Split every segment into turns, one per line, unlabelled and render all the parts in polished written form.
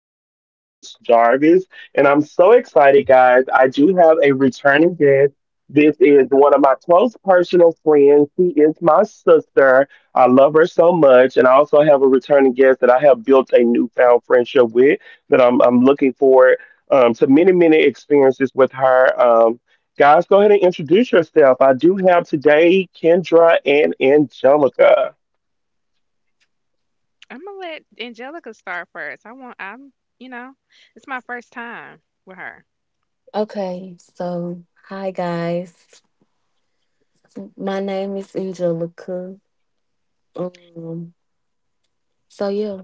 I am your host, Jarvis, and I'm so excited, guys. I do have a returning guest. This is one of my close personal friends. She is my sister. I love her so much. And I also have a returning guest that I have built a newfound friendship with that I'm looking forward to many, many experiences with her. Guys, go ahead and introduce yourself. I do have today Kendra and Angelica.
I'm gonna let Angelica start first. I want I'm you know, It's my first time with her.
Okay. Hi guys. My name is Angelica. Um, so yeah.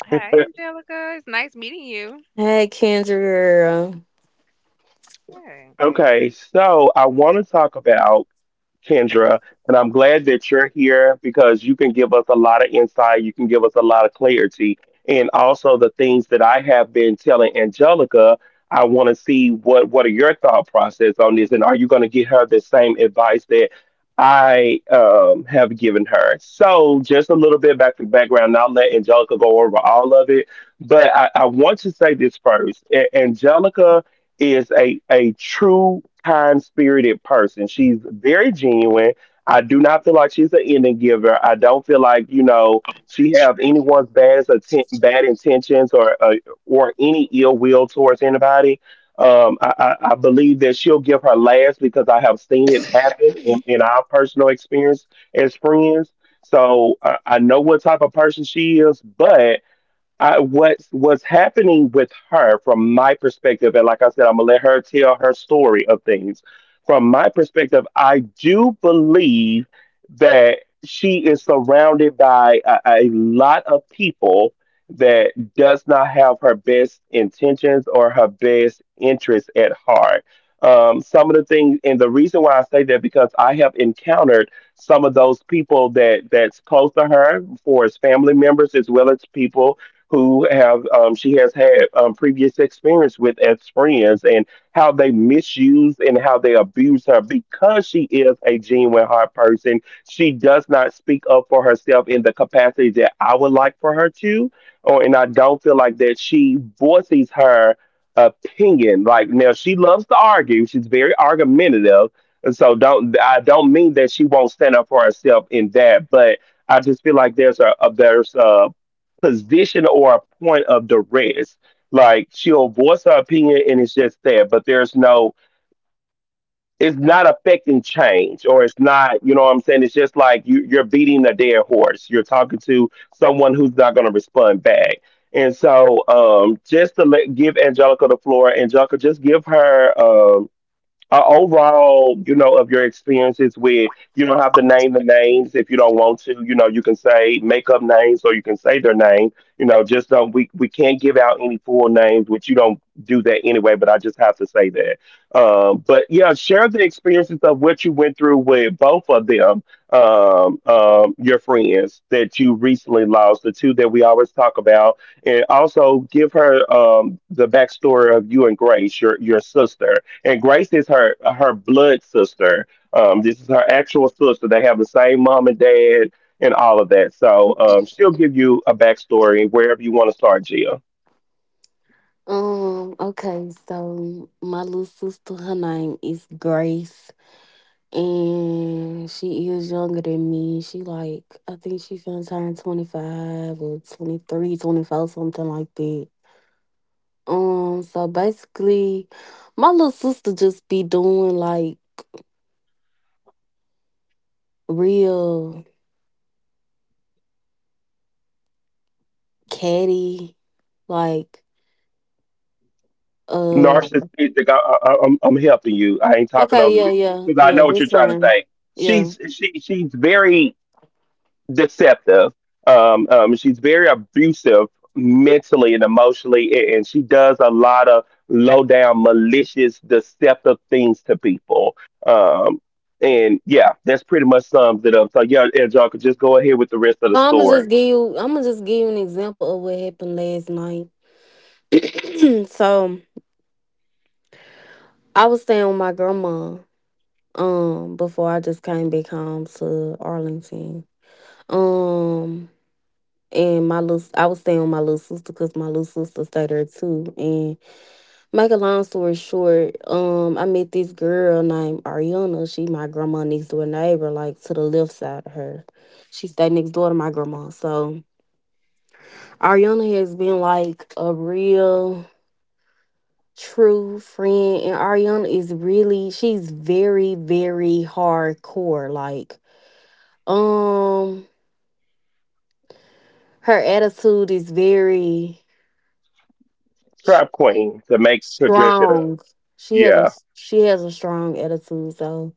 Hi Angelica, it's nice meeting you.
Hey Kendra.
Hey.
Okay, so I want to talk about Kendra. And I'm glad that you're here because you can give us a lot of insight. You can give us a lot of clarity. And also the things that I have been telling Angelica, I want to see what are your thought process on this, and are you going to give her the same advice that I have given her? So just a little bit back to background, and I'll let Angelica go over all of it, but I want to say this first. Angelica is a true kind spirited person. She's very genuine. I do not feel like she's an ending giver. I don't feel like you know she have anyone's bad intentions or any ill will towards anybody. I believe that she'll give her last because I have seen it happen in our personal experience as friends. So I know what type of person she is, but I, what was happening with her from my perspective, and like I said, I'm gonna let her tell her story of things. From my perspective, I do believe that she is surrounded by a lot of people that does not have her best intentions or her best interests at heart. Some of the things, and the reason why I say that because I have encountered some of those people that that's close to her, for as family members as well as people who have she has had previous experience with as friends and how they misuse and how they abuse her because she is a genuine heart person. She does not speak up for herself in the capacity that I would like for her to, or and I don't feel like that she voices her opinion. Like now, she loves to argue. She's very argumentative. And so don't mean that she won't stand up for herself in that, but I just feel like there's a there's a position or a point of duress. Like she'll voice her opinion and it's just there, but there's no, it's not affecting change or it's not, you know what I'm saying? It's just like you're beating a dead horse. You're talking to someone who's not going to respond back. And so, just to let, give Angelica the floor. Angelica, just give her, overall, you know, of your experiences with, you don't have to name the names if you don't want to. You know, you can say make up names or you can say their name. You know, just don't we can't give out any full names, which you don't do that anyway. But I just have to say that. But yeah, share the experiences of what you went through with both of them, your friends that you recently lost, the two that we always talk about, and also give her the backstory of you and Grace, your sister, and Grace is her blood sister. This is her actual sister. They have the same mom and dad and all of that. So she'll give you a backstory wherever you want to start, Jill.
Okay, so my little sister, her name is Grace, and she is younger than me. She like I think she finna turn 25 or 23, 24, something like that. So basically my little sister just be doing like real catty, like um
Narcissistic. I'm helping you. I ain't talking
okay,
over
yeah,
you
yeah,
because I
yeah,
know what
that's
you're trying to
fine.
say.
Yeah.
She's very deceptive. She's very abusive mentally and emotionally, and she does a lot of low down, malicious, deceptive things to people. Um, and yeah, that's pretty much sums it up. So yeah, if y'all could just go ahead with the rest of the
So
story.
I'ma just give you an example of what happened last night. So I was staying with my grandma before I just came back home to Arlington. Um and my little I was staying with my little sister because my little sister stayed there too. And. Make a long story short, I met this girl named Ariana. She my grandma next door neighbor, like to the left side of her. She stayed next door to my grandma. So Ariana has been like a real true friend. And Ariana is really she's very, very hardcore. Um, her attitude is very s-
Trap Queen, to make, to dress it up.
strong. She has a
Yeah,
she has a strong attitude. So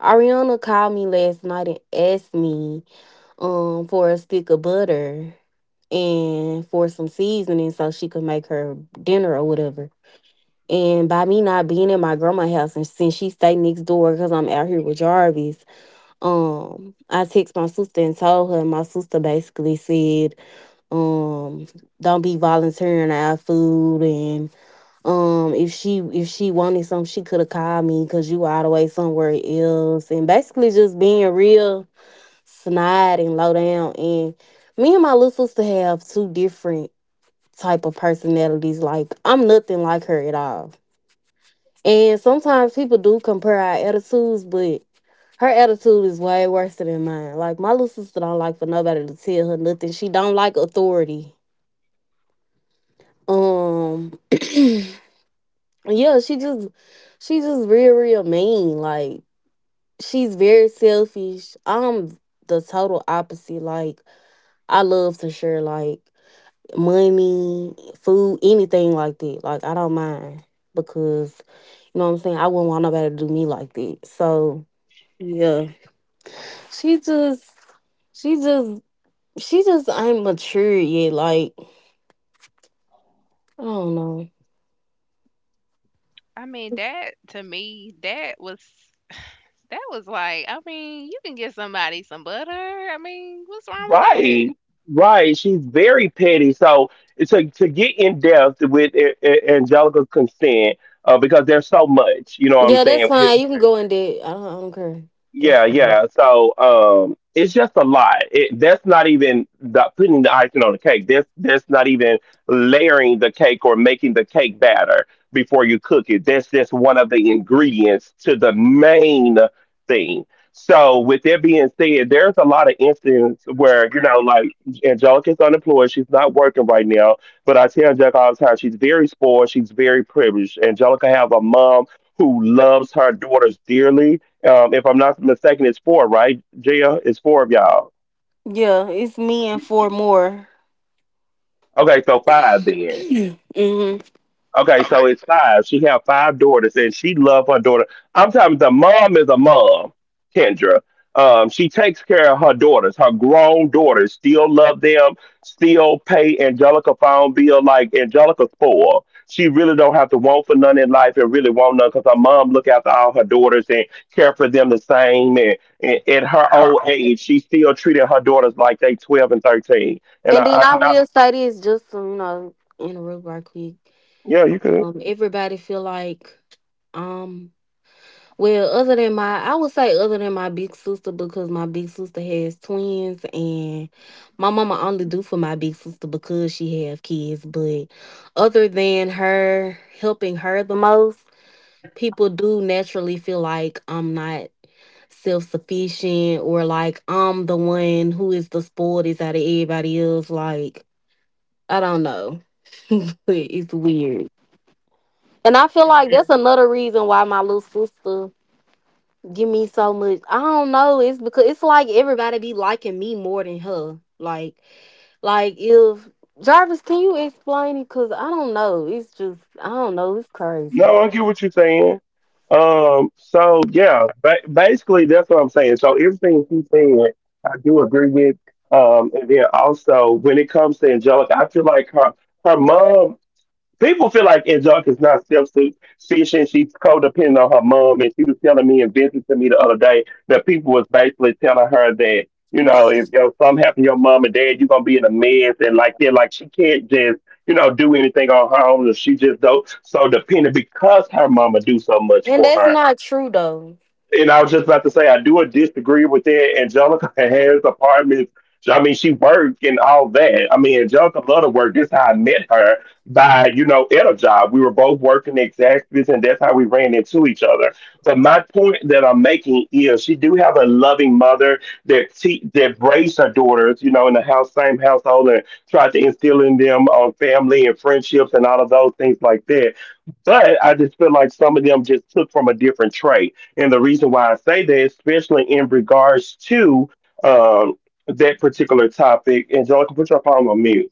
Ariana called me last night and asked me for a stick of butter and for some seasoning so she could make her dinner or whatever. And by me not being in my grandma's house and since she stay next door because I'm out here with Jarvis, I text my sister and told her, and my sister basically said, um, don't be volunteering our food. And. If she wanted something, she could have called me because you were all the way somewhere else, and basically just being real snide and low down. And me and my little sister have two different type of personalities. Like I'm nothing like her at all. And sometimes people do compare our attitudes, but her attitude is way worse than mine. Like my little sister don't like for nobody to tell her nothing. She don't like authority. Um Yeah, she just real real mean. Like she's very selfish. I'm the total opposite. Like I love to share, like money, food, anything like that. Like I don't mind because, you know what I'm saying, I wouldn't want nobody to do me like that. So yeah. She just she just she just ain't mature yet. Like I don't know.
I mean that to me, that was like, I mean, you can get somebody some butter. I mean, what's wrong with that?
right, right. She's very petty. So to get in depth with Angelica's consent, because there's so much, you know what I'm
Yeah, that's
saying?
fine. You can go in there. I don't care. That's
Yeah,
fine.
yeah. So it's just a lot. It, that's not even the, putting the icing on the cake. That's not even layering the cake or making the cake batter before you cook it. That's just one of the ingredients to the main thing. So with that being said, there's a lot of instances where you know, like Angelica's unemployed. She's not working right now. But I tell Angelica all the time, she's very spoiled. She's very privileged. Angelica have a mom who loves her daughters dearly. If I'm not mistaken, it's four, right? Gia, it's four of y'all.
Yeah, it's me and four more.
Okay, so five then.
hmm And
Okay, so it's five. She have five daughters, and she love her daughter. I'm talking, the mom is a mom, Kendra. She takes care of her daughters, her grown daughters. Still love them. Still pay Angelica phone bill like Angelica's poor. She really don't have to want for none in life, and really want none because her mom look after all her daughters and care for them the same. And at her old age, she still treated her daughters like they twelve and thirteen. And
then
I,
I
and I
will say this, just to, you know, in real right quick.
yeah, you could.
Everybody feel like um, well, I would say other than my big sister because my big sister has twins, and my mama only do for my big sister because she have kids. But other than her helping her the most, people do naturally feel like I'm not self sufficient, or like I'm the one who is the spoiled out of everybody else. Like, I don't know. But it's weird. And I feel like that's another reason why my little sister give me so much. I don't know. It's because it's like everybody be liking me more than her. Like, if Jarvis, can you explain it? Cause I don't know. It's just I don't know. It's crazy.
No, I get what you're saying. So yeah, basically that's what I'm saying. So everything she's saying, I do agree with. And then also when it comes to Angelica, I feel like her mom, people feel like Angelica is not self-sufficient. She's codependent on her mom, and she was telling me and Vincent to me the other day that people was basically telling her that you know if you know, something happened to your mom and dad, you're gonna be in a mess and like that. Like she can't just you know do anything on her own. She just do so dependent because her mama do so much
And
for
that's
her.
not true though.
And I was just about to say, I do disagree with that. Angelica has apartments. I mean, she worked and all that. I mean, Angelica loved to work. This is how I met her by, you know, at a job. We were both working at Zaxby's, and that's how we ran into each other. But my point that I'm making is she do have a loving mother that that raised her daughters, you know, in the house, same household, and tried to instill in them on family and friendships and all of those things like that. But I just feel like some of them just took from a different trait, and the reason why I say that, especially in regards to um, that particular topic, Angelica, put your phone on mute.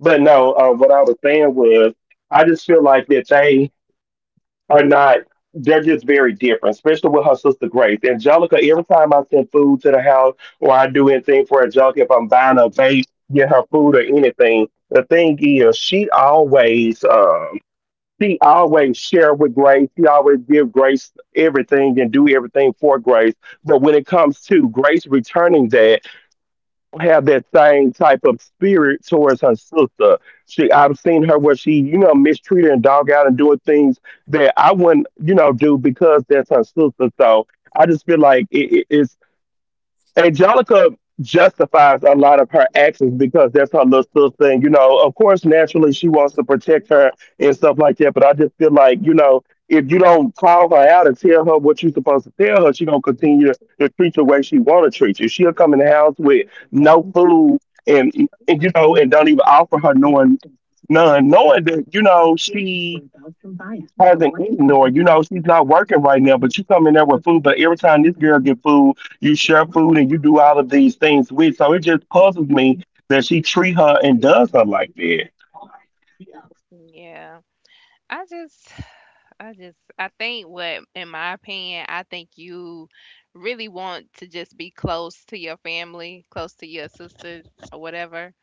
But no, what I was saying was, I just feel like that they are not, they're just very different, especially with her sister Grace. Angelica, every time I send food to the house or I do anything for Angelica, if I'm buying a vape, get her food or anything, the thing is, she always, she always share with Grace. She always give Grace everything and do everything for Grace. But when it comes to Grace returning that, don't have that same type of spirit towards her sister. She I've seen her where she, you know, mistreat her and dog out and doing things that I wouldn't, you know, do because that's her sister. So I just feel like Angelica justifies a lot of her actions because that's her little sister thing. You know, of course, naturally she wants to protect her and stuff like that. But I just feel like, you know, if you don't call her out and tell her what you're supposed to tell her, she gonna continue to treat you the way she wanna treat you. She'll come in the house with no food, and, and you know, and don't even offer her knowing none, knowing that, you know, she hasn't eaten or you know she's not working right now but you come in there with food but every time this girl get food you share food and you do all of these things with. So it just puzzles me that she treat her and does her like that.
Mm. Yeah. I just I just I think what in my opinion, I think you really want to just be close to your family, close to your sisters or whatever.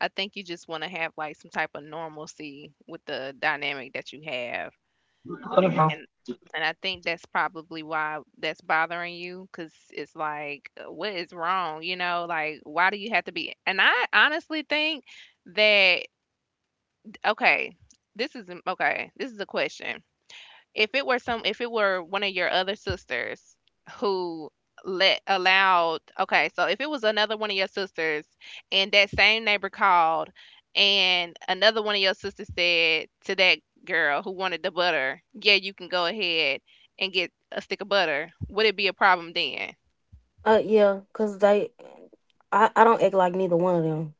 I think you just wanna have, like, some type of normalcy with the dynamic that you have, and and I think that's probably why that's bothering you, because it's like, "What is wrong?" You know, like, "Why do you have to be?" And I honestly think that okay, this is a question. If it were one of your other sisters who let allowed okay, so if it was another one of your sisters and that same neighbor called and another one of your sisters said to that girl who wanted the butter, "Yeah, you can go ahead and get a stick of butter." Would it be a problem then?
Yeah, cause they I don't act like neither one of them.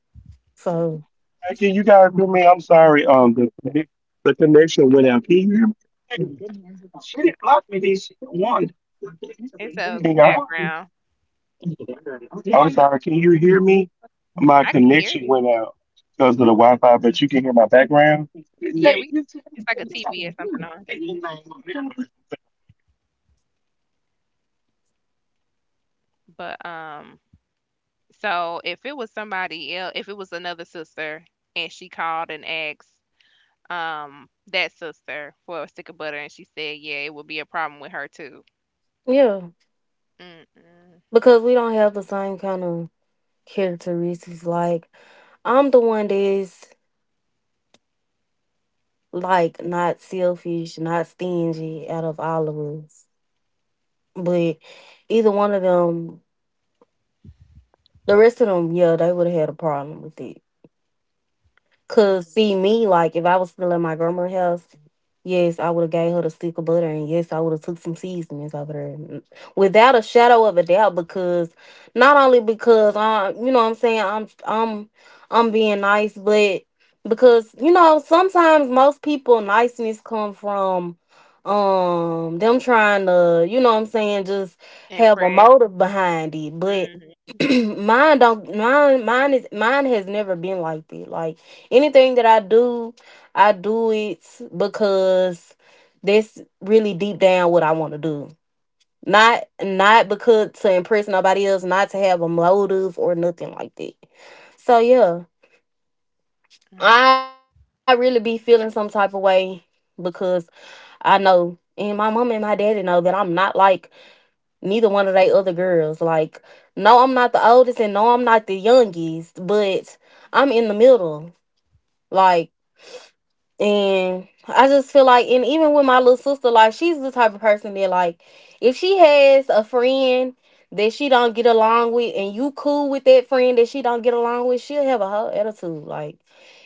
So,
Hey, can you guys hear me? I'm sorry. The connection went out. Can you hear
It's
me?
a
Can y'all?
background.
I'm sorry. Can you hear me? My
I can hear
connection
you.
went out because of the Wi-Fi, but you can hear my background.
Yeah,
I
we it's like a TV or something on. But so if it was somebody else, if it was another sister and she called and asked that sister for a stick of butter and she said, yeah, it would be a problem with her too.
yeah,
Mm mm
because we don't have the same kind of characteristics. Like I'm the one that's like not selfish, not stingy out of all of us. But either one of them, the rest of them, yeah, they would have had a problem with it. Cause
mm.
see me, like if I was still in my grandma's house, yes, I would have gave her the stick of butter, and yes, I would have took some seasonings over there, without a shadow of a doubt. Because not only because I, you know what I'm saying, I'm being nice, but because you know sometimes most people niceness come from them trying to, you know what I'm saying, just have a
Impressed.
motive behind it. But
Mm
mine don't mine mine is mine has never been like that. Like anything that I do it because that's really deep down what I want to do. Not because to impress nobody else, not to have a motive or nothing like that. So yeah,
mm
I really be feeling some type of way because I know, and my mama and my daddy know that I'm not like neither one of they other girls. Like, no, I'm not the oldest, and no, I'm not the youngest, but I'm in the middle. Like. And I just feel like, and even with my little sister, like she's the type of person that, like, if she has a friend that she don't get along with, and you cool with that friend that she don't get along with, she'll have a whole attitude. Like,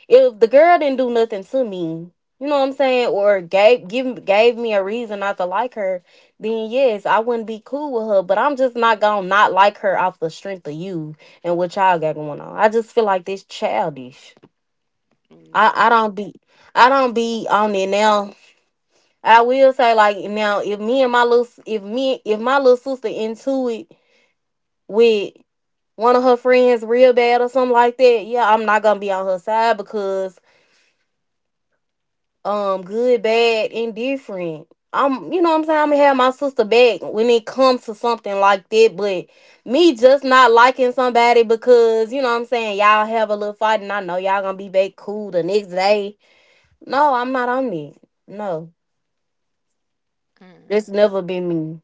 if the girl didn't do nothing to me, you know what I'm saying, or gave me a reason not to like her, then yes, I wouldn't be cool with her. But I'm just not gonna not like her off the strength of you and what y'all got going on. I just feel like this childish.
mm.
I, I don't
Yeah.
be I don't be on it now. I will say, like now, if me and my little if me if my little sister into it with one of her friends real bad or something like that, yeah, I'm not gonna be on her side because good, bad, indifferent. I'm You know what I'm saying, I'm gonna have my sister back when it comes to something like that. But me just not liking somebody because, you know what I'm saying, y'all have a little fight and I know y'all gonna be back cool the next day. No, I'm not on it. No. That's
Mm.
never been me.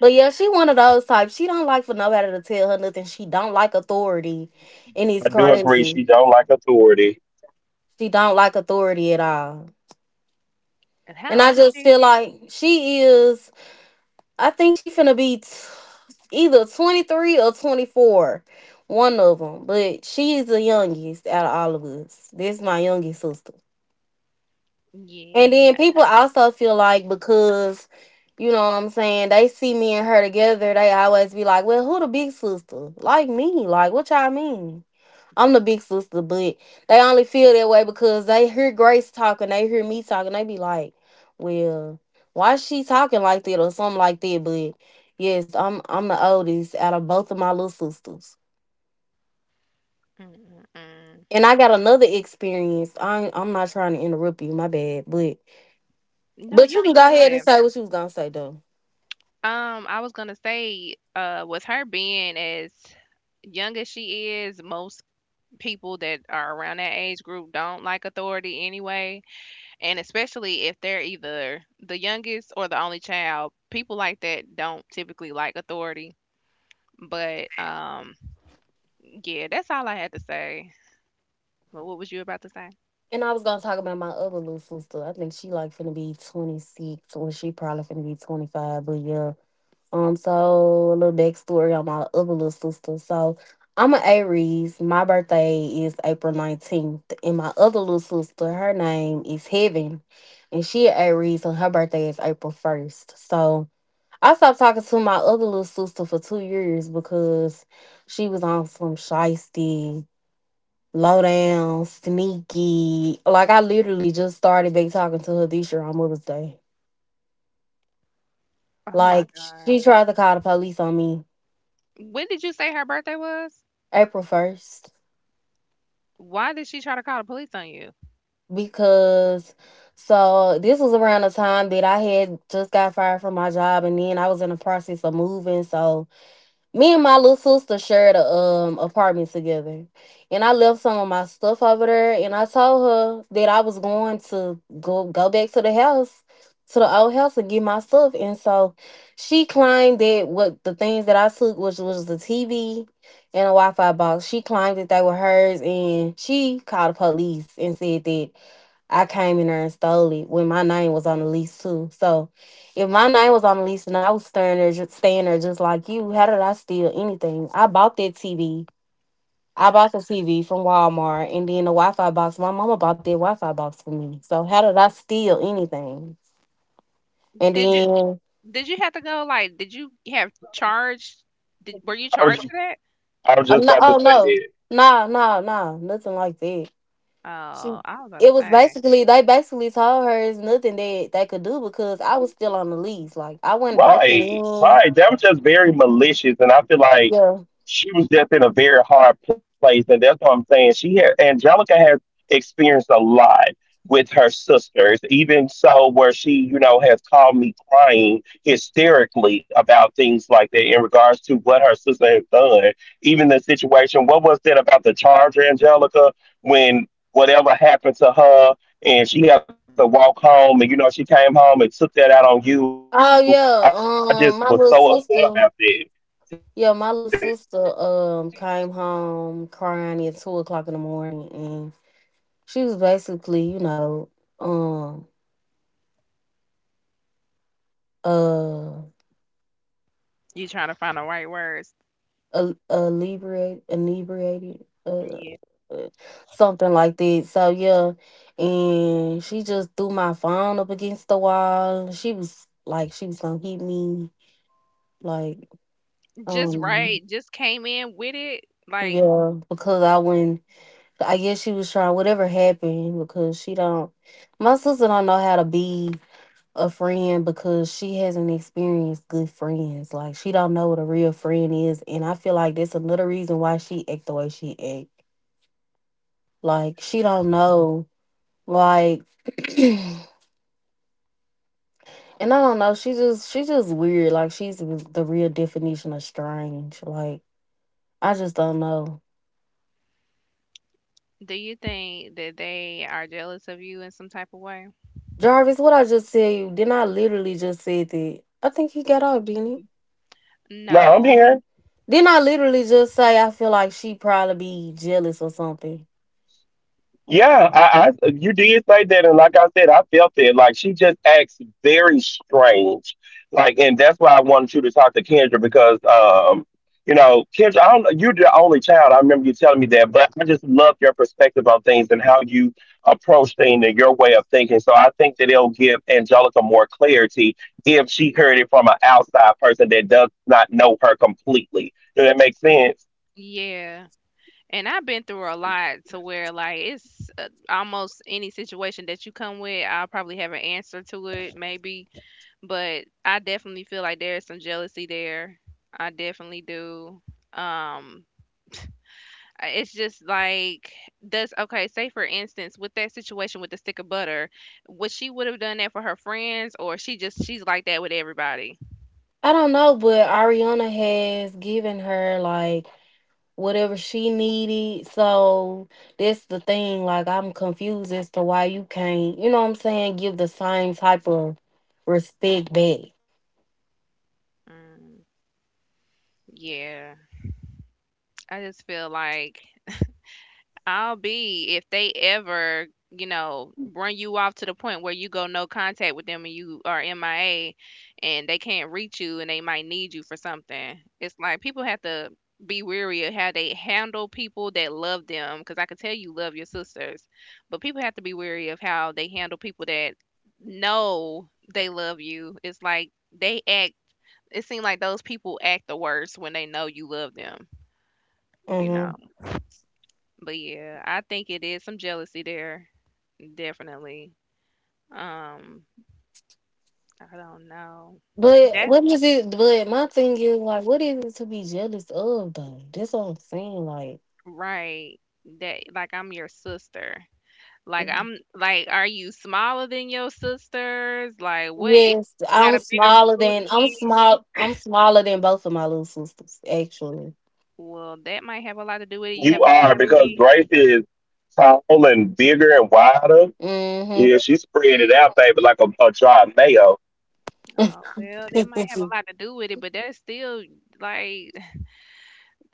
But yeah, she one of those types. She don't like for nobody to tell her nothing. She don't like authority. And it's
do agree.
crazy.
She don't like authority.
She don't like authority at all.
And
And
how
I
old is
just
she?
feel like she is I think she finna be either 23 or 24. One of them. But she is the youngest out of all of us. This is my youngest sister. And
Yeah.
then people also feel like because, you know what I'm saying, they see me and her together, they always be like, well, who the big sister? Like me. Like, what y'all mean? I'm the big sister, but they only feel that way because they hear Grace talking, they hear me talking, they be like, well, why she talking like that, or something like that? But yes, I'm the oldest out of both of my little sisters.
Mm mm mm.
And I got another experience. I'm not trying to interrupt you, my bad. But
No, you
you can
can go
go ahead and
ahead.
say what you was gonna say though.
I was gonna say, with her being as young as she is, most people that are around that age group don't like authority anyway. And especially if they're either the youngest or the only child, people like that don't typically like authority. But yeah, that's all I had to say. But what was you about to say?
And I was gonna talk about my other little sister. I think she like finna be 26, or she probably finna be 25. But yeah, so a little backstory on my other little sister. So I'm an Aries. My birthday is April 19th, and my other little sister, her name is Heaven, and she an Aries, and her birthday is April first. So I stopped talking to my other little sister for 2 years because she was on some shiesty low down, sneaky. Like I literally just started back talking to her this year on Mother's Day.
Oh my
Like
God.
she tried to call the police on me
When did you say her birthday was?
April first
Why did she try to call the police on you?
because so this was around the time that I had just got fired from my job and then I was in the process of moving. So me and my little sister shared a apartment together, and I left some of my stuff over there, and I told her that I was going to go back to the house, to the old house, and get my stuff. And so, she claimed that what the things that I took, which was the TV and a Wi-Fi box, she claimed that they were hers, and she called the police and said that I came in there and stole it when my name was on the lease too. So if my name was on the lease and I was standing there just like you, how did I steal anything? I bought that TV. I bought the TV from Walmart and then the Wi Fi box. My mama bought that Wi Fi box for me. So how did I steal anything? And
Did you
then
did you have to go, like, did you have charged did were you
I was
charged
just,
for that?
I was
oh
just
no
about to
oh
say
no.
that.
Nah, nothing like that. She
Oh, I was about to
It was
say.
basically they basically told her it's nothing that they could do because I was still on the lease. Like I wasn't breaking
Right,
in.
right. That was just very malicious, and I feel like
Yeah.
she was just in a very hard place, and that's what I'm saying. She had Angelica has experienced a lot with her sisters, even so where she, has called me crying hysterically about things like that in regards to what her sister has done. Even the situation, what was that about the charger, Angelica, when whatever happened to her and she had to walk home, and she came home and took that out on you. I
Oh
just was
yeah,
so upset
my
about
little
that.
sister.
Tell her about that.
Yeah, my little sister came home crying at 2 o'clock in the morning, and she was basically, um, uh,
You trying to find the right words.
inebriated,
Yeah.
uh, something like that. So yeah, and she just threw my phone up against the wall. She was like, she was gonna hit me, like,
Just
um,
right, just came in with it. Like,
yeah, because I wouldn't I guess she was trying whatever happened because she don't. My sister don't know how to be a friend because she hasn't experienced good friends. Like she don't know what a real friend is, and I feel like that's another reason why she act the way she act. Like she don't know. Like, and I don't know. She just weird. Like she's the real definition of strange. Like I just don't know.
do you think that they are jealous of you in some type of way?
Jarvis, what I just said you? Didn't I literally just said that? I think he got off, didn't he?
No, I'm
No.
here.
Then I literally just say I feel like she probably be jealous or something.
Yeah, I you did say that, and like I said, I felt it. Like she just acts very strange, like, and that's why I wanted you to talk to Kendra because, Kendra, I don't, you're the only child. I remember you telling me that, but I just love your perspective on things and how you approach things and your way of thinking. So I think that it'll give Angelica more clarity if she heard it from an outside person that does not know her completely. Does that make sense?
Yeah. And I've been through a lot to where, like, it's almost any situation that you come with, I'll probably have an answer to it, maybe. But I definitely feel like there is some jealousy there. I definitely do. Um, it's just like, does, okay, say for instance, with that situation with the stick of butter, would she would have done that for her friends, or she just, she's like that with everybody?
I don't know, but Ariana has given her like whatever she needed. So that's the thing. Like I'm confused as to why you can't, you know what I'm saying, give the same type of respect back.
Mm. Yeah, I just feel like I'll be if they ever, you know, run you off to the point where you go no contact with them and you are MIA and they can't reach you and they might need you for something. It's like people have to be weary of how they handle people that love them because I can tell you love your sisters, but people have to be weary of how they handle people that know they love you. It's like they act, it seems like those people act the worst when they know you love them, you
Hmm.
know. But yeah, I think it is some jealousy there, definitely. Um, I don't know.
But
That's
what is it? But my thing is like, what is it to be jealous of though? That's what I'm saying. Like.
right. That, like, I'm your sister. Like I'm like, are you smaller than your sisters? Like what is,
Yes,
you got a bigger
I'm
booty?
small. I'm smaller than both of my little sisters, actually.
Well, that might have a lot to do with it. You
You
have a bigger
are because
booty.
Grace is tall and bigger and wider.
Hmm.
Yeah, she's spreading it out, baby, like a jar of mayo.
Oh, well, that might have a lot to do with it, but that's still like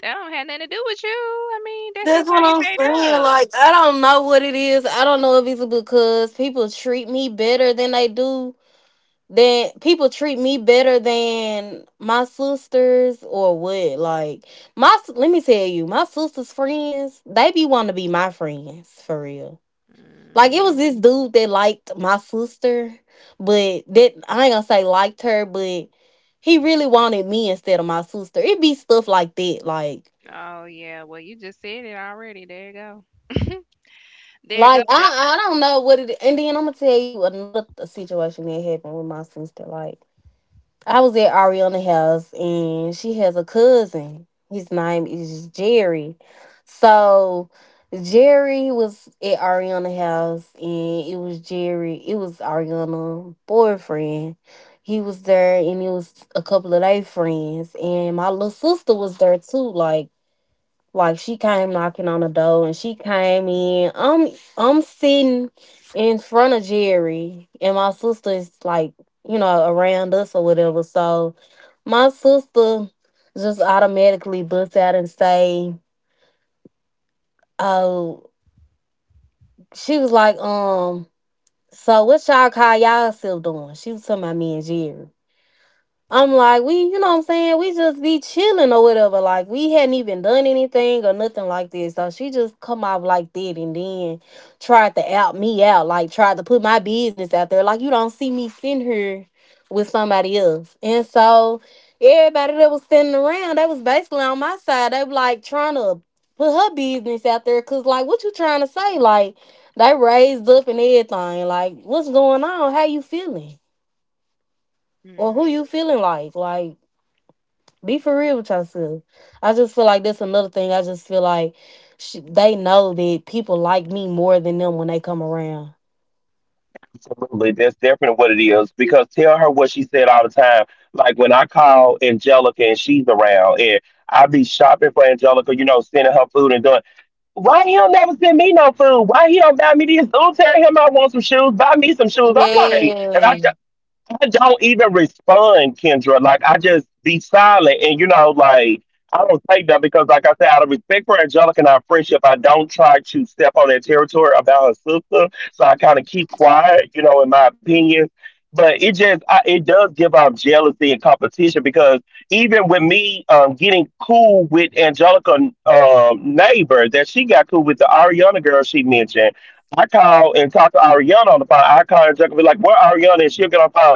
that don't have nothing to do with you. I mean, that's just
That's
how
what
you
I'm
made
saying.
up.
Like I don't know what it is. I don't know if it's because people treat me better than my sisters or what? Like let me tell you, my sisters' friends they be want to be my friends for real. Like it was this
Mm.
dude that liked my sister, but that I ain't gonna say liked her, but he really wanted me instead of my sister. It be stuff like that, like
Oh yeah, well you just said it already. There you go. There you go.
like
But
I I don't know what it. And then I'm gonna tell you situation that happened with my sister. Like I was at Ariana's house and she has a cousin. His name is Jerry. So Jerry was at Ariana's house and it was Jerry, it was Ariana's boyfriend. He was there and it was a couple of their friends. And my little sister was there too. Like she came knocking on the door and she came in. I'm sitting in front of Jerry and my sister's like, you know, around us or whatever. So my sister just automatically busts out and say, Oh, she was like, so what y'all call y'all self doing? She was talking about me and Jerry. I'm like, we, you know what I'm saying? We just be chilling or whatever. Like, we hadn't even done anything or nothing like this. So she just come out like that and then tried to out me out, like tried to put my business out there. Like, you don't see me sitting here with somebody else. And so everybody that was sitting around, they was basically on my side. They were like trying to put her business out there. Cause like, what you trying to say? Like, they raised up and everything. Like, what's going on? How you feeling? Or who you feeling like? Like, be for real with yourself. I just feel like that's another thing. I just feel like they know that people like me more than them when they come around.
Absolutely, that's definitely what it is. Because tell her what she said all the time. Like when I call Angelica and she's around, and I be shopping for Angelica, sending her food and doing. Why he don't never send me no food? Why he don't buy me these? Oh, tell him I want some shoes. Buy me some shoes. I'm like, and
Yeah.
I don't even respond, Kendra. Like I just be silent, and I don't take that because, like I said, out of respect for Angelica and our friendship, I don't try to step on that territory about her sister. So I kind of keep quiet, you know, in my opinion. But it just I, it does give off jealousy and competition because even with me getting cool with Angelica neighbor that she got cool with, the Ariana girl she mentioned, I call and talk to Ariana on the phone. I call her and be like, "Where Ariana?" And she'll get on the phone.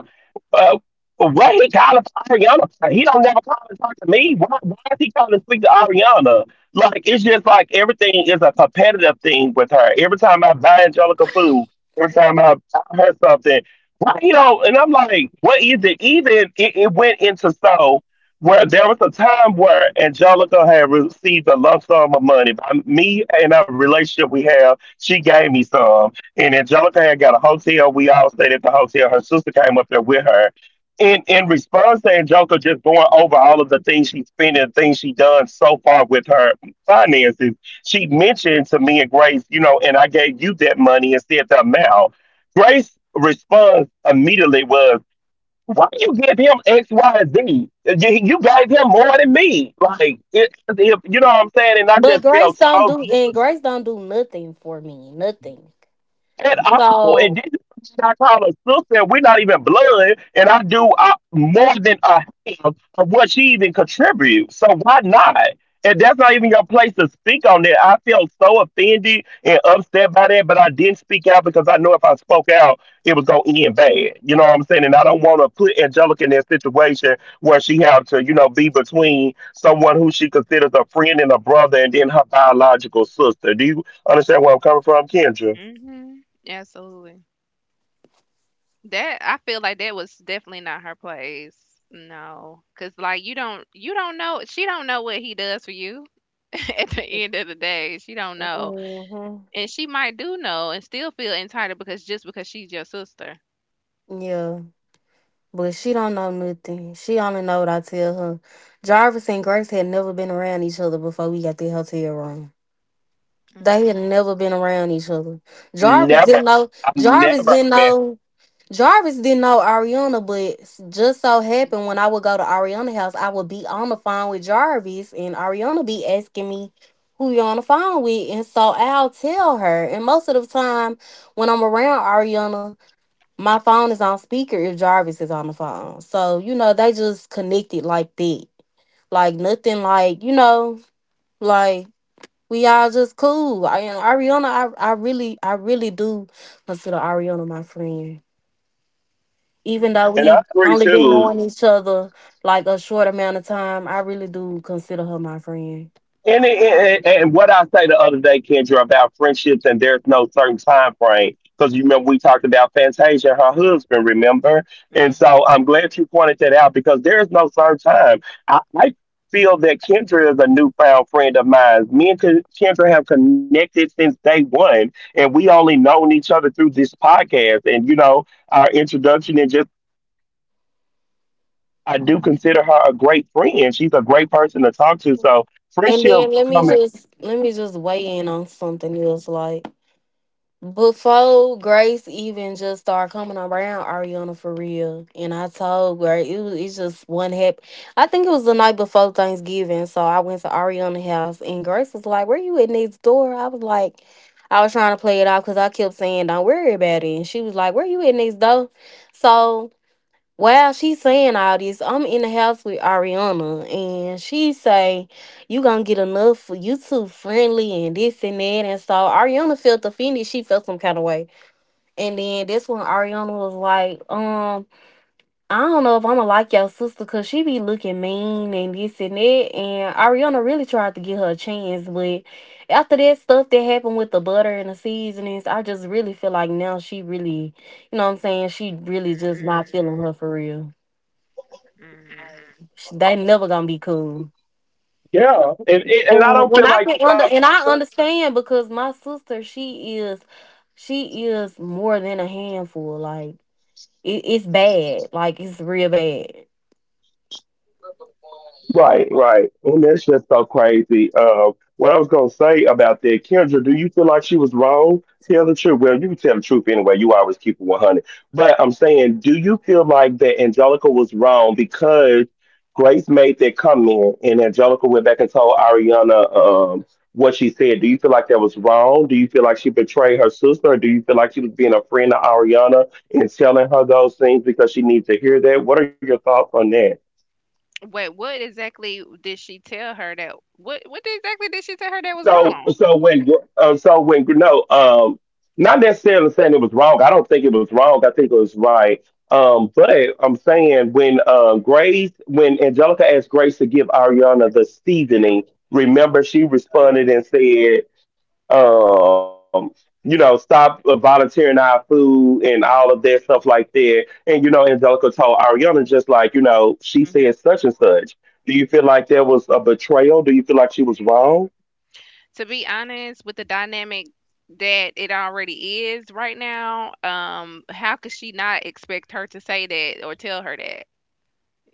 Uh, what he calling for Ariana? He don't never call and talk to me. Why is he calling to speak to Ariana? Like it's just like everything is a competitive thing with her. Every time I buy Angelica food, every time I buy her something, why you know? And I'm like, what is it? Even it went into so where there was a time where Angelica had received a lump sum of money by me, and our relationship we have, she gave me some. And Angelica had got a hotel. We all stayed at the hotel. Her sister came up there with her. In response to Angelica just going over all of the things she's spent and things she done so far with her finances, she mentioned to me and Grace, you know, and I gave you that money and said the amount. Grace response immediately was, why you give him X, Y, Z? You gave him more than me. Like you know what I'm saying? And I
But
just felt so
Grace don't do nothing for me. Nothing.
at all. And
So
this is what I call a sister. We're not even blood, and I do more than a half of what she even contributes. So why not? And that's not even your place to speak on that. I felt so offended and upset by that, but I didn't speak out because I know if I spoke out, it was gonna end bad. You know what I'm saying? And I don't want to put Angelica in that situation where she have to, you know, be between someone who she considers a friend and a brother, and then her biological sister. Do you understand where I'm coming from, Kendra?
mm-hmm. Absolutely. That I feel like that was definitely not her place. No, cause like you don't know, she don't know what he does for you. At the end of the day, she don't know,
mhm.
and she might do know and still feel entitled because just because she's your sister.
Yeah. But she don't know nothing. She only know what I tell her. Jarvis and Grace had never been around each other before we got the hotel room. They
Mm,
had never been around each other. Jarvis
Never,
didn't know Jarvis didn't
man.
know Jarvis didn't know Ariana, but just so happened when I would go to Ariana's house, I would be on the phone with Jarvis, and Ariana be asking me who you on the phone with, and so I'll tell her. And most of the time, when I'm around Ariana, my phone is on speaker if Jarvis is on the phone. So you know they just connected like that, like nothing, like you know, like we all just cool. And Ariana, I really do consider Ariana my friend even though
mm,
And I
we've
agree
only been
too.
knowing each other like a short amount of time, I really do consider her my friend.
And what I say the other day, Kendra, about friendships, and there's no certain time frame. Because you remember we talked about Fantasia and her husband, remember? And so
mhm,
I'm glad you pointed that out because there's no certain time. I feel that Kendra is a newfound friend of mine. Me and Kendra have connected since day one, and we only known each other through this podcast and, you know, our introduction and just I do consider her a great friend. She's a great person to talk to. So
And
friendship
then let me
coming,
just let me just weigh in on something else. Like before Grace even just started coming around Ariana for real, and I told Grace it's just one happy. I think it was the night before Thanksgiving, so I went to Ariana's house, and Grace was like, "Where you at next door?" I was like. I was trying to play it off because I kept saying, "Don't worry about it," and she was like, "Where you at next door?" So well, she's saying all this. I'm in the house with Ariana, and she say, "You gonna get enough you too friendly and this and that." And so Ariana felt offended. She felt some kind of way, and then that's when Ariana was like, I don't know if I'ma like your sister, cause she be looking mean and this and that." And Ariana really tried to give her a chance, but after that stuff that happened with the butter and the seasonings, I just really feel like now she really, you know, what I'm saying she really just
mm,
not feeling her for real.
mhm.
They never gonna be cool.
yeah. And I
And,
don't
and
feel
I
like
can
it's
under and I
okay.
understand because my sister, she is more than a handful. Like it's bad. Like it's real bad.
Right, right. And that's just so crazy. What I was gonna say about that, Kendra, do you feel like she was wrong? Tell the truth. Well, you can tell the truth anyway. You always keep it 100. But I'm saying, do you feel like that Angelica was wrong because Grace made that comment and Angelica went back and told Ariana what she said? Do you feel like that was wrong? Do you feel like she betrayed her sister? Or do you feel like she was being a friend to Ariana and telling her those things because she needs to hear that? What are your thoughts on that?
Wait, what exactly did she tell her that? What exactly did she tell her that was
So
wrong?
so when no not necessarily saying it was wrong. I don't think it was wrong. I think it was right. But I'm saying when Grace when Angelica asked Grace to give Ariana the seasoning, remember she
Oh yeah.
responded and said, um, you know, stop volunteering our food and all of that stuff like that. And you know, Angelica told Ariana just like you know she said such and such. Do you feel like there was a betrayal? Do you feel like she was wrong?
To be honest, with the dynamic that it already is right now, how could she not expect her to say that or tell her that?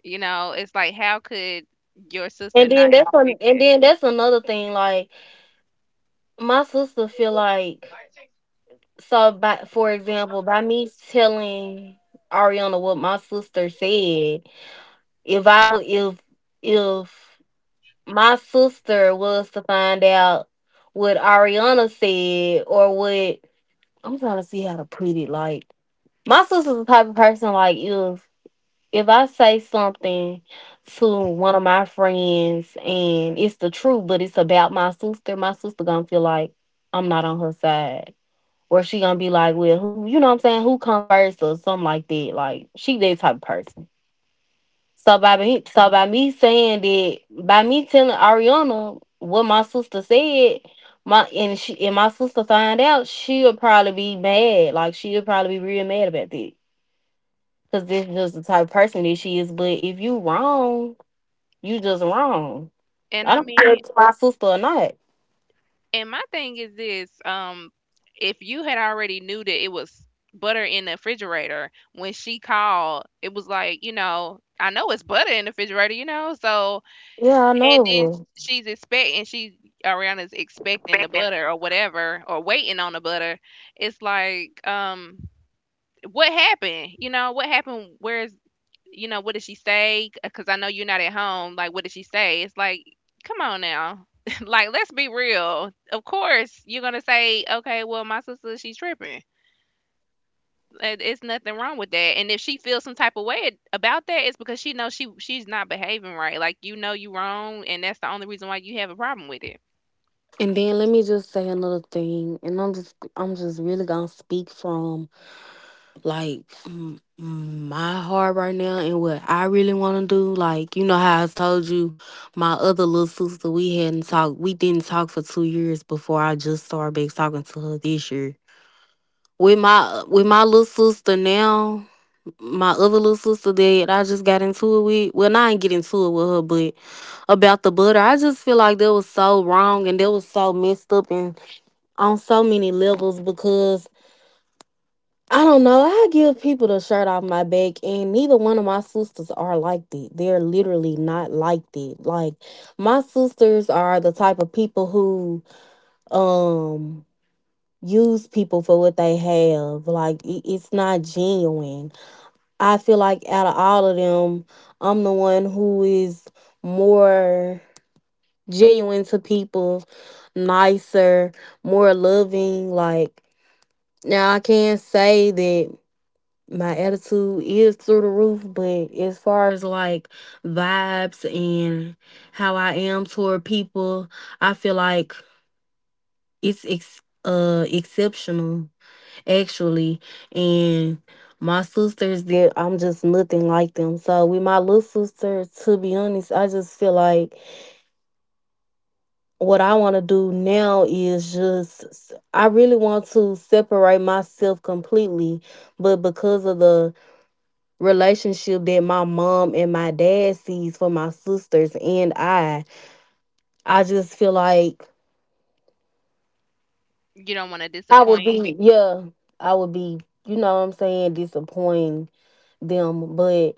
You know, it's like how could your sister
And
not
then that's an,
expect
and
it?
then that's another thing. Like my sister feel like so. By for example, by me telling Ariana what my sister said, if I would if my sister was to find out what Ariana said or what I'm trying to see how to put it. Like my sister's the type of person like if I say something to one of my friends and it's the truth, but it's about my sister gonna feel like I'm not on her side. Or she gonna be like, well, who you know what I'm saying, who come first or something like that. Like she that type of person. So by me saying that, by me telling Ariana what my sister said, my sister find out, she'll probably be mad. Like she'll probably be real mad about that, because this is just the type of person that she is. But if you wrong, you just wrong.
And
I
I
don't care if
mean,
it's my sister or not.
and my thing is this, if you had already knew that it was butter in the refrigerator when she called, it was like, you know, I know it's butter in the refrigerator, you know, so
Yeah, I know
and
it
then
will.
she's expecting she Ariana's expecting the butter or whatever or waiting on the butter. It's like, what happened? You know, what happened? Where's you know, what did she say? Because I know you're not at home. Like, what did she say? It's like, come on now. Like, let's be real. Of course, you're gonna say, okay, well, my sister, she's tripping. It's nothing wrong with that. And if she feels some type of way about that, it's because she knows she's not behaving right. Like you know you wrong, and that's the only reason why you have a problem with it.
And then let me just say another thing, and I'm just really gonna speak from like m- my heart right now and what I really want to do. Like you know how I told you, my other little sister we hadn't talked. We didn't talk for 2 years before I just started back talking to her this year. With my little sister now, my other little sister that I just got into it with. Well, not I didn't get into it with her, but about the butter, I just feel like that was so wrong and that was so messed up and on so many levels because I don't know. I give people the shirt off my back, and neither one of my sisters are like that. They're literally not like that. Like my sisters are the type of people who um use people for what they have. Like it's not genuine. I feel like out of all of them, I'm the one who is more genuine to people, nicer, more loving. Like now, I can say that. My attitude is through the roof, but as far as like vibes and how I am toward people, I feel like it's exceptional actually. And my sisters that I'm just nothing like them. So with my little sister, to be honest, I just feel like what I want to do now is just I really want to separate myself completely, but because of the relationship that my mom and my dad sees for my sisters and I. I just feel like
You don't want to
would
disappoint.
be yeah, I would be, you know what I'm saying, disappointing them. But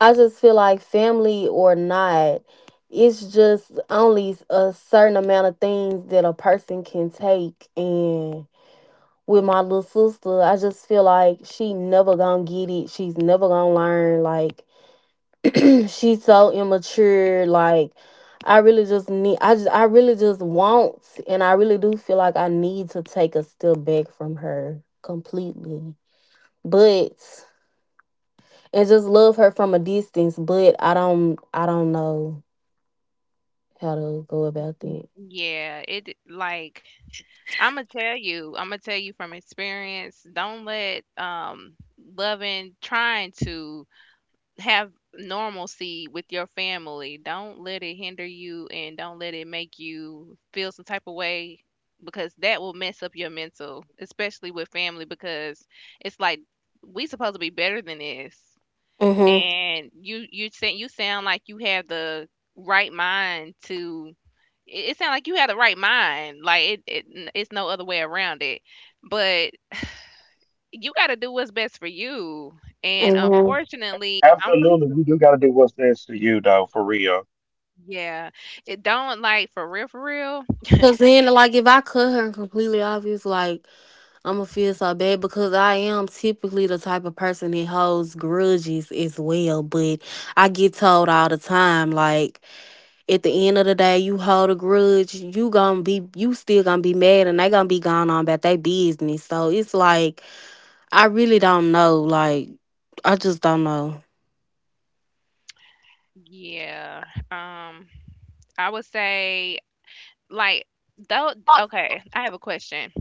I just feel like family or not, it's just only a certain amount of things that a person can take and with my little sister, I just feel like she never gonna get it. She's never gonna learn. Like, she's so immature. Like, I really just want and I really do feel like I need to take a step back from her completely, but and just love her from a distance. But I don't know how to go about that.
Yeah, it, like, I'm gonna tell you, I'm gonna tell you from experience, don't let loving trying to have normalcy with your family. Don't let it hinder you and don't let it make you feel some type of way because that will mess up your mental, especially with family, because it's like we supposed to be better than this.
Mm-hmm.
And you say you sound like you have the right mind to, it sounds like you had the right mind, like it's no other way around it, but you got to do what's best for you, and
Mm-hmm.
unfortunately I'm
Absolutely,
pretty
we do got to do what's best for you, though, for real.
yeah. It don't, like, for real, for real.
Cause then, like, if I cut her completely off, it's like I'ma feel so bad because I am typically the type of person that holds grudges as well. But I get told all the time, like, at the end of the day, you hold a grudge, you still gonna be mad and they gonna be gone on about their business. So it's like I really don't know. Like I just don't know.
Yeah. um I would say, like, though, okay, I have a question.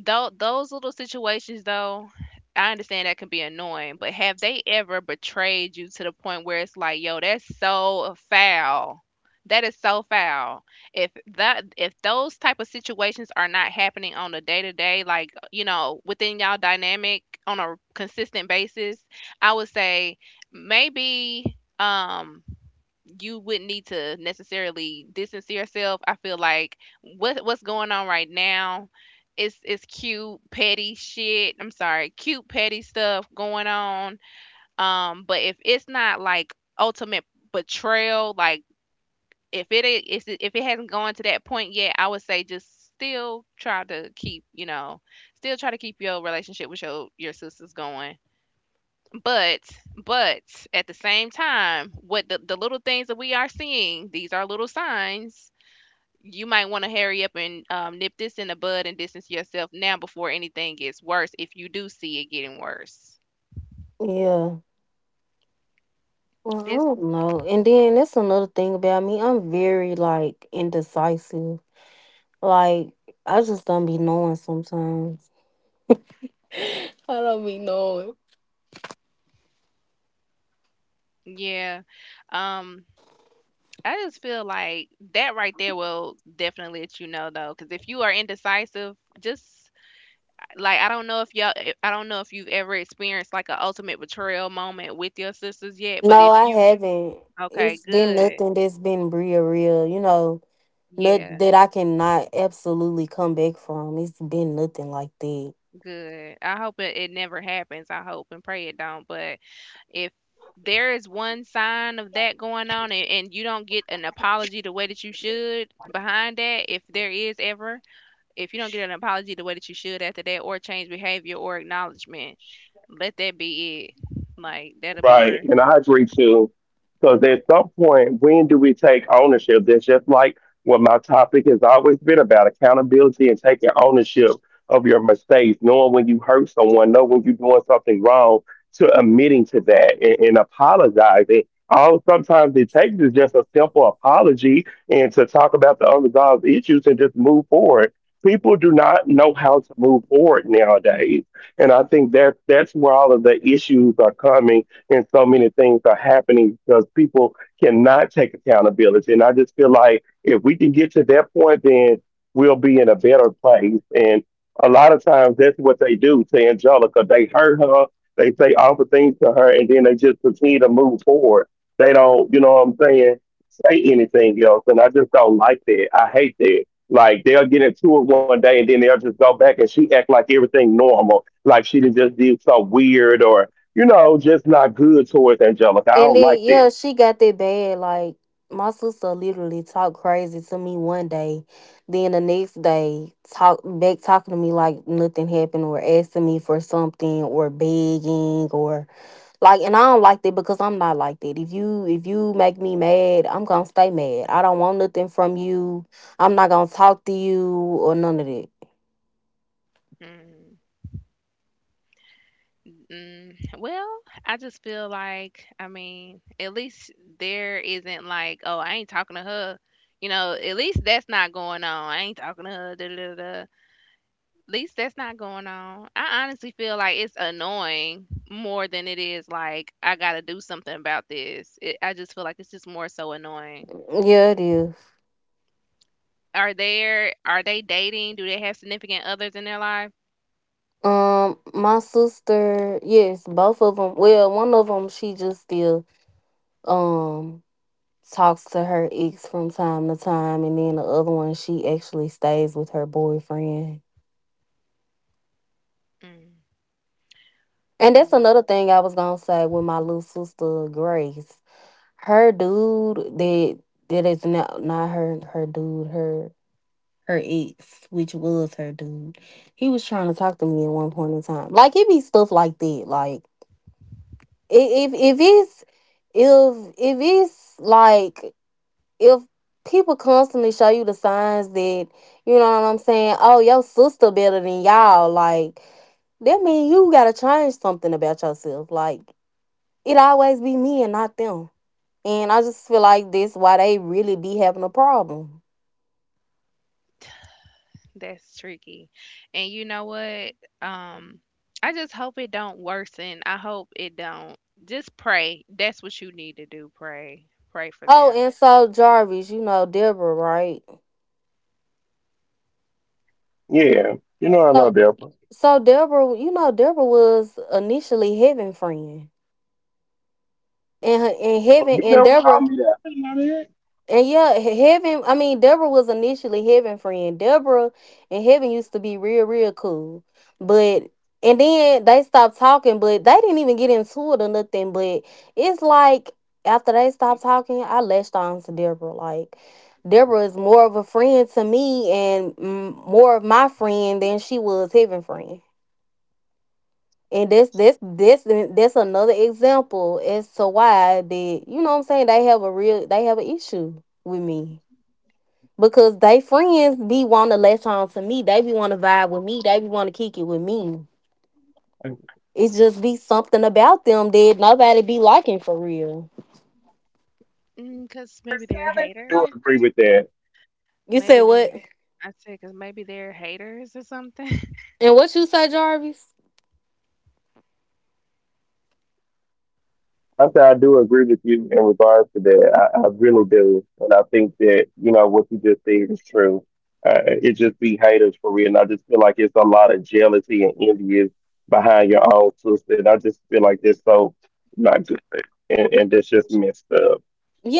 Though those little situations, though, I understand that can be annoying, but have they ever betrayed you to the point where it's like, yo, that's so foul. That is so foul. If those type of situations are not happening on a day to day, like you know, within y'all dynamic on a consistent basis, I would say maybe you wouldn't need to necessarily distance yourself. I feel like what's going on right now is cute petty shit. I'm sorry, cute petty stuff going on. But if it's not like ultimate betrayal, like if it hasn't gone to that point yet, I would say just still try to keep, you know, still try to keep your relationship with your sisters going, but but at the same time, the little things that we are seeing, these are little signs. You might want to hurry up and nip this in the bud and distance yourself now before anything gets worse. If you do see it getting worse,
Yeah. Well, I
it's
don't know. And then that's another thing about me. I'm very, like, indecisive. Like, I just don't be knowing sometimes. I don't be knowing.
yeah. Um, I just feel like that right there will definitely let you know though, because if you are indecisive, just like I don't know if y'all, I don't know if you've ever experienced like an ultimate betrayal moment with your sisters yet, but
No,
if
I
you,
haven't.
okay,
It's been
good.
nothing that's been real, real. Not
Yeah,
that I cannot absolutely come back from. It's been nothing like that.
good. I hope it, it never happens. I hope and pray it don't. But if there is one sign of that going on and you don't get an apology the way that you should behind that, if there is ever, if you don't get an apology the way that you should after that or change behavior or acknowledgement, let that be it. Like that'll be
Right.
your
And I agree too. Because at some point, when do we take ownership? That's just like what my topic has always been about, accountability and taking ownership of your mistakes, knowing when you hurt someone, know when you're doing something wrong, to admitting to that and apologizing. All sometimes it takes is just a simple apology and to talk about the unresolved issues and just move forward. People do not know how to move forward nowadays. And I think that that's where all of the issues are coming and so many things are happening because people cannot take accountability. And I just feel like if we can get to that point, then we'll be in a better place. And a lot of times that's what they do to Angelica. They hurt her, they say awful things to her, and then they just continue to move forward. They don't, you know what I'm saying, say anything else. And I just don't like that. I hate that. Like they'll get into it one day and then they'll just go back and she act like everything normal. Like she done just did so weird or you know, just not good towards Angelica. I
And
don't
then,
like that.
yeah, she got that bad. Like, my sister literally talked crazy to me one day, then the next day talking to me like nothing happened, or asking me for something, or begging, or like and I don't like that because I'm not like that. If you make me mad, I'm gonna stay mad. I don't want nothing from you. I'm not gonna talk to you or none of that.
mm. Mm, well, I just feel like, I mean, at least there isn't like, oh, I ain't talking to her. You know, at least that's not going on. I ain't talking to her. Da, da, da, da. At least that's not going on. I honestly feel like it's annoying more than it is like I gotta do something about this. It, I just feel like it's just more so annoying.
Yeah, it is.
Are there? Are they dating? Do they have significant others in their life?
My sister, yes, both of them. Well, one of them, she just still um talks to her ex from time to time, and then the other one, she actually stays with her boyfriend. And that's
Mm.
another thing I was gonna say with my little sister Grace. Her dude that is not her her dude, her ex, which was her dude. He was trying to talk to me at one point in time. Like it be stuff like that, like. i- if if it's if it's like if people constantly show you the signs that, you know what I'm saying, oh, your sister better than y'all, like, that mean you gotta change something about yourself. Like, it always be me and not them. And I just feel like that's why they really be having a problem.
That's tricky. And you know what? Um, I just hope it don't worsen. I hope it don't. Just pray. That's what you need to do. Pray. Pray for
Oh,
them.
and so Jarvis, you know Deborah, right?
Yeah, you know, I
So
love Deborah.
so Deborah, you know Deborah was initially Heaven friend, and
But
Heaven
you
and
never call
Deborah.
me that.
And, yeah, Deborah was initially Heaven friend. Deborah and Heaven used to be real, real cool. But, and then they stopped talking, but they didn't even get into it or nothing. But it's like after they stopped talking, I latched on to Deborah. Like, Deborah is more of a friend to me and more of my friend than she was Heaven friend. And that's another example as to why that, you know what I'm saying, they have a real they have an issue with me, because they friends be want to latch on to me. They be want to vibe with me. They be want to kick it with me.
I
It just be something about them that nobody be liking for real.
Mm, cause maybe they're
do
haters.
agree with that.
You said
Maybe
what?
they're, I said, cause maybe they're haters or something.
And what you say, Jarvis?
I say I do agree with you in regards to that. I really do, and I think that you know what you just said is true. It just be haters for real, and I just feel like it's a lot of jealousy and envy behind your own sister. And I just feel like that's so not good, and that's just messed up.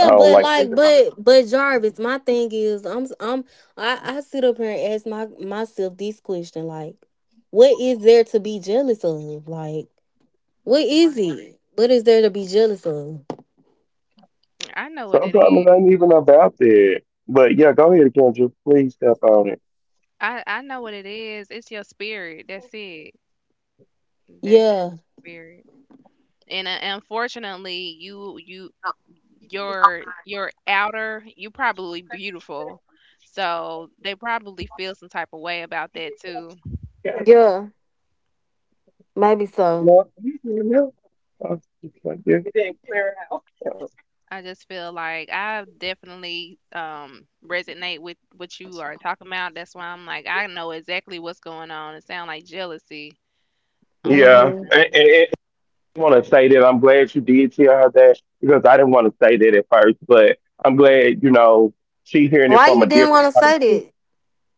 I don't
but,
like
like,
that.
but Jarvis, my thing is, I sit up here and ask my myself this question, like, what is there to be jealous of? Like, what is
Right.
it? What is there to be jealous of?
I know what it
Sometimes
is.
it ain't even about that. But yeah, go ahead, Kendra. Please step on it.
I know what it is. It's your spirit. That's it. That's it.
Yeah,
Spirit. And unfortunately, your outer, you probably beautiful. So they probably feel some type of way about that too.
Yeah.
yeah, maybe so.
Lord, you can help us. It's like, yeah.
I just feel like I definitely resonate with what you are talking about. That's why I'm like, I know exactly what's going on. It sounds like jealousy,
Yeah,
Hmm.
unfortunately.
and I want to say that I'm glad you did tell her that because I didn't want to say that at first, but I'm glad you know she hearing it
Why
from
you
a
didn't want
different.
to say that?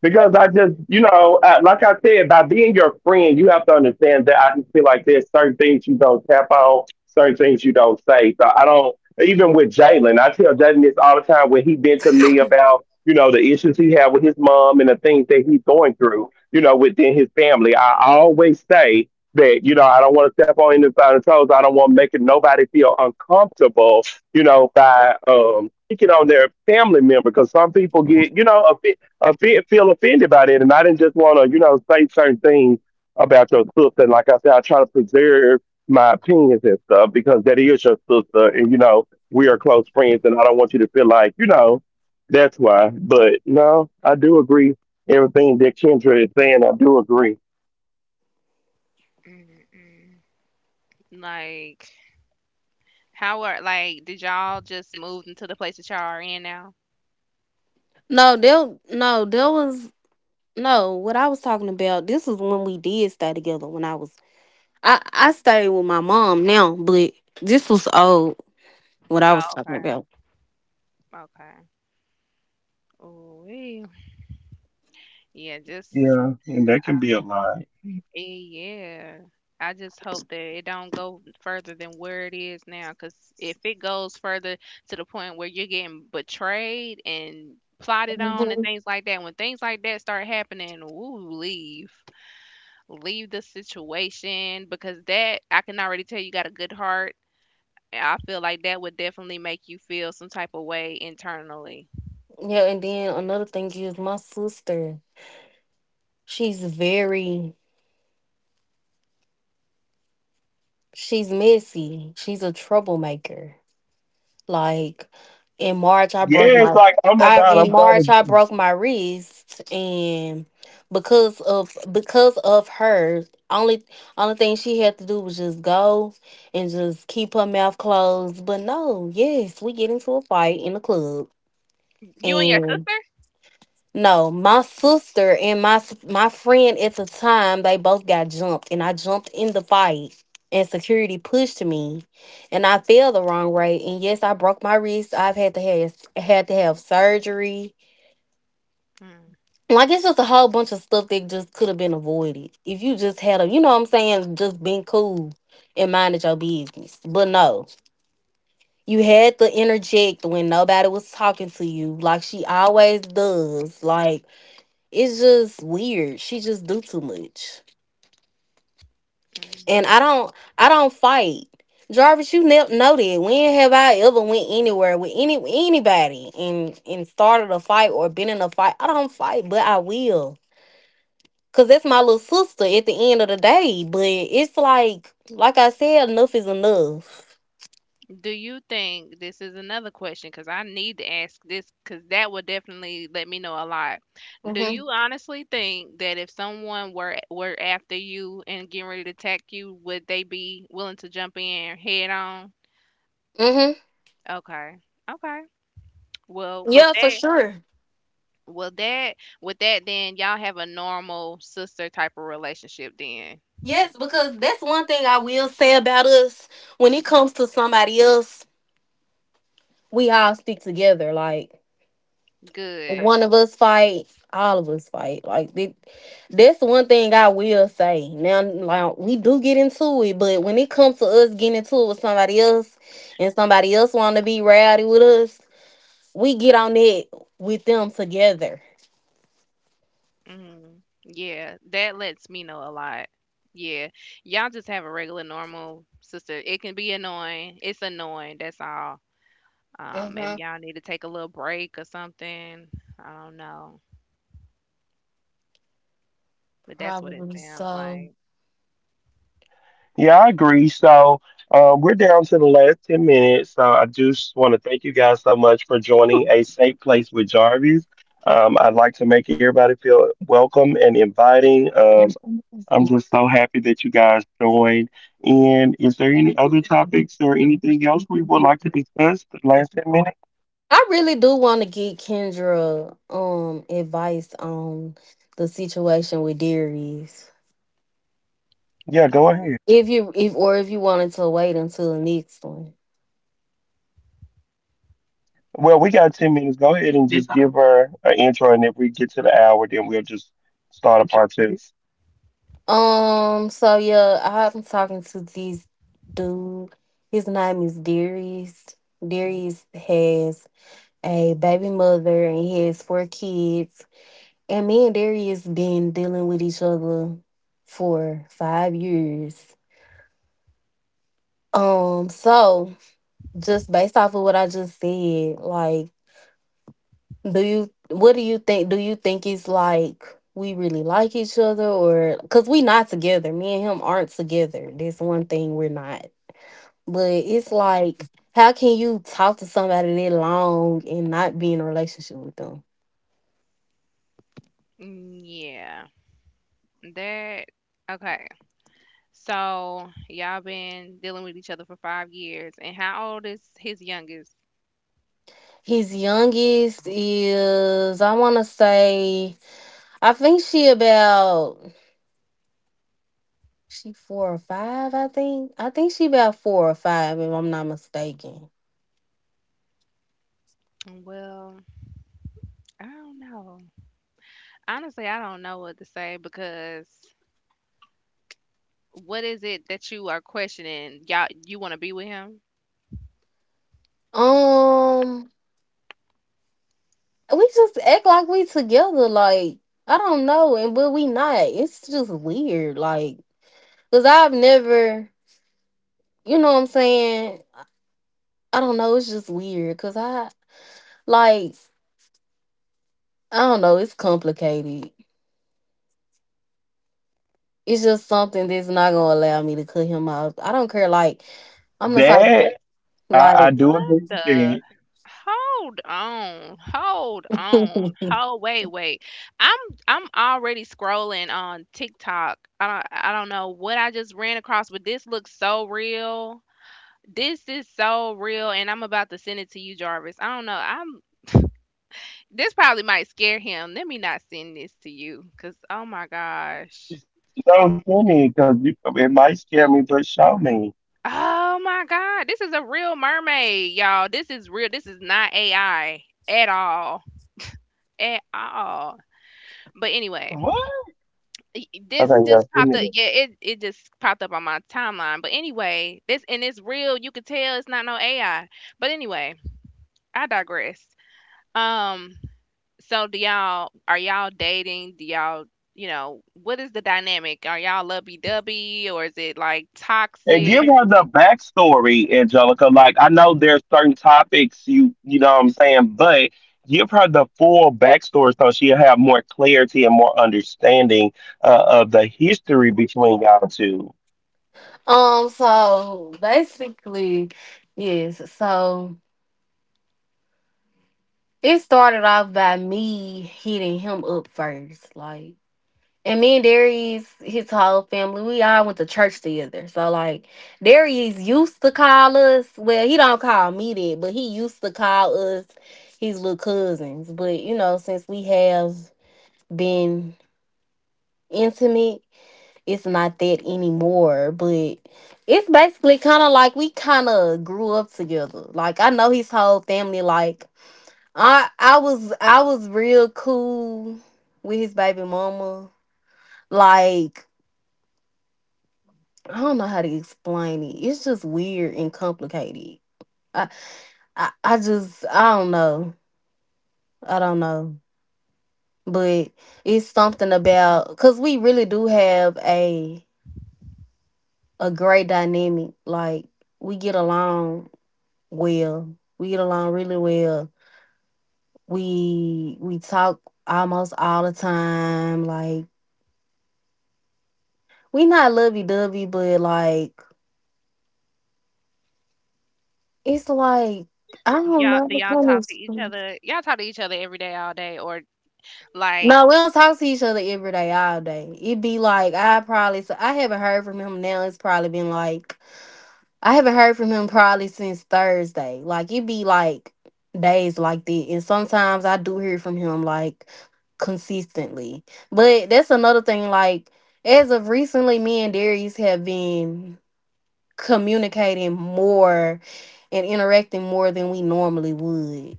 Because I just, like I said, by being your friend, you have to understand that I just feel like there's certain things you don't tap on, certain things you don't say. So I don't, even with Jalen, I tell Jalen this all the time when he been to me about, you know, the issues he had with his mom and the things that he's going through, you know, within his family. I always say that, you know, I don't want to step on anybody's toes. I don't want making nobody feel uncomfortable, you know, by picking on their family member because some people get, you know, feel offended by that, and I didn't just want to, you know, say certain things about your sister. And like I said, I try to preserve my opinions and stuff because that is your sister, and you know, we are close friends, and I don't want you to feel like, you know, that's why. But no, I do agree everything that Kendra is saying. I do agree.
Mm-mm. Like, how are like did y'all just move into the place that y'all are in now?
No, there was no. What I was talking about, this is when we did stay together. When I was I stayed with my mom now, but this was old, what I
Oh,
was talking
okay,
about.
okay. Ooh, yeah, just
Yeah, and that can be a lie.
eh, yeah. I just hope that it don't go further than where it is now. Cause if it goes further to the point where you're getting betrayed and plotted on and
Mhm.
things like that, when things like that start happening, woo, leave, leave the situation because that I can already tell you got a good heart. And I feel like that would definitely make you feel some type of way internally.
Yeah, and then another thing is my sister. She's very she's messy. She's a troublemaker. Like, in March, I broke
It's
my
like, oh my God,
in
I'm
March,
sorry.
I broke my wrist, and because of her. Only only thing she had to do was just go and just keep her mouth closed. But, no, yes, we get into a fight in the club,
You and your
and,
sister.
no, my sister and my friend at the time, they both got jumped, and I jumped in the fight, and security pushed me, and I fell the wrong way, and, yes, I broke my wrist. I've had to have surgery.
Mm,
Like, it's just a whole bunch of stuff that just could have been avoided if you just had a, you know what I'm saying, just been cool and minded your business. But, no, you had to interject when nobody was talking to you, like she always does, like. It's just weird. She just do too much,
mm.
and I don't. I don't fight. Jarvis, you know that. When have I ever went anywhere with anybody and started a fight or been in a fight? I don't fight, but I will, cause that's my little sister. At the end of the day, but it's like I said, enough is enough.
Do you think this is another question? Because I need to ask this because that would definitely let me know a lot. Do
Mhm.
you honestly think that if someone were after you and getting ready to attack you, would they be willing to jump in head on?
Mhm.
Okay. Okay. Well, with
Yeah, for
that,
sure.
well that with that, then y'all have a normal sister type of relationship. Then
Yes, because that's one thing I will say about us. When it comes to somebody else, we all stick together. Like,
good.
one of us fight, all of us fight. Like, that's one thing I will say. Now, like, we do get into it, but when it comes to us getting into it with somebody else, and somebody else want to be rowdy with us, we get on it with them together.
Mm, yeah, that lets me know a lot. Yeah, y'all just have a regular, normal sister. It can be annoying. It's annoying. That's all. Maybe
Hmm.
y'all need to take a little break or something. I don't know, but that's what it
Probably
sounds
so.
like.
Yeah, I agree. So we're down to the last 10 minutes. So I just want to thank you guys so much for joining A Safe Place with Jarvis. I'd like to make everybody feel welcome and inviting. I'm just so happy that you guys joined. And is there any other topics or anything else we would like to discuss the last 10 minutes?
I really do want to get Kendra advice on the situation with Darius.
Yeah, go
Okay.
ahead.
If you, if, or if you wanted to wait until the next one.
Well, we got 10 minutes. Go ahead and just give her an intro. And if we get to the hour, then we'll just start a part two.
So, yeah, I'm talking to this dude. His name is Darius. Darius has a baby mother and he has four kids. And me and Darius been dealing with each other for 5 years. So just based off of what I just said, like, do you, what do you think? Do you think it's like we really like each other, or because we not together? Me and him aren't together. That's one thing we're not. But it's like, how can you talk to somebody that long and not be in a relationship with them?
Mm, yeah, that. Okay. So y'all been dealing with each other for 5 years, and how old is his youngest?
His youngest is, I want to say, I think she about, she four or five. I think she about 4 or 5, if I'm not mistaken.
Well, I don't know. Honestly, I don't know what to say because. What is it that you are questioning? Y'all you wanna be with him?
Um, we just act like we together. Like, I don't know, and but we not. It's just weird. Like, cause I've never, you know what I'm saying. I don't know. It's just weird because I. Like, I don't know, it's complicated. It's just something that's not gonna allow me to cut him off. I don't care, like, I'm the type,
That. I
like.
do
What
agree with
the
that.
hold on. Hold on. Hold wait, wait. I'm I'm already scrolling on TikTok. I don't know what I just ran across, but this looks so real. This is so real, and I'm about to send it to you, Jarvis. I don't know. I'm this probably might scare him. Let me not send this to you, cause oh my
It's
gosh.
so funny because it might scare me, but show me.
Oh my god, this is a real mermaid, y'all. This is real. This is not AI at all. At all. But anyway, y-
Okay,
this
yes,
just
give me
popped
that.
up. Yeah, it just popped up on my timeline. But anyway, this and it's real. You could tell it's not no AI. But anyway, I digress. Um, so do y'all are y'all dating? Do y'all you know, what is the dynamic? Are y'all lovey dovey or is it like
And give
toxic?
her the backstory, Angelica. Like I know there's certain topics you you know what I'm saying, but give her the full backstory so she'll have more clarity and more understanding of the history between y'all two.
So, basically, yes, so it started off by me hitting him up first. Like. And me and Darius, his whole family, we all went to church together. So, like, Darius used to call us. Well, he don't call me that, but he used to call us his little cousins. But, you know, since we have been intimate, it's not that anymore. But it's basically kind of like we kind of grew up together. Like, I know his whole family. Like, I was real cool with his baby mama. Like, I don't know how to explain it. It's just weird and complicated. I, I don't know. I don't know. But it's something about, because we really do have a great dynamic. Like, we get along well. We get along really well. We talk almost all the time. Like, we not lovey-dovey, but, like, it's like, I don't
Y'all,
know how
do
to.
y'all
Kind
talk
of,
to each other? Y'all talk to each other every day, all day, or like,
no, we don't talk to each other every day, all day. It'd be like, I probably so I haven't heard from him now. It's probably been like, I haven't heard from him probably since Thursday. Like, it'd be like days like that. And sometimes I do hear from him, like, consistently. But that's another thing, like, as of recently, me and Darius have been communicating more and interacting more than we normally would.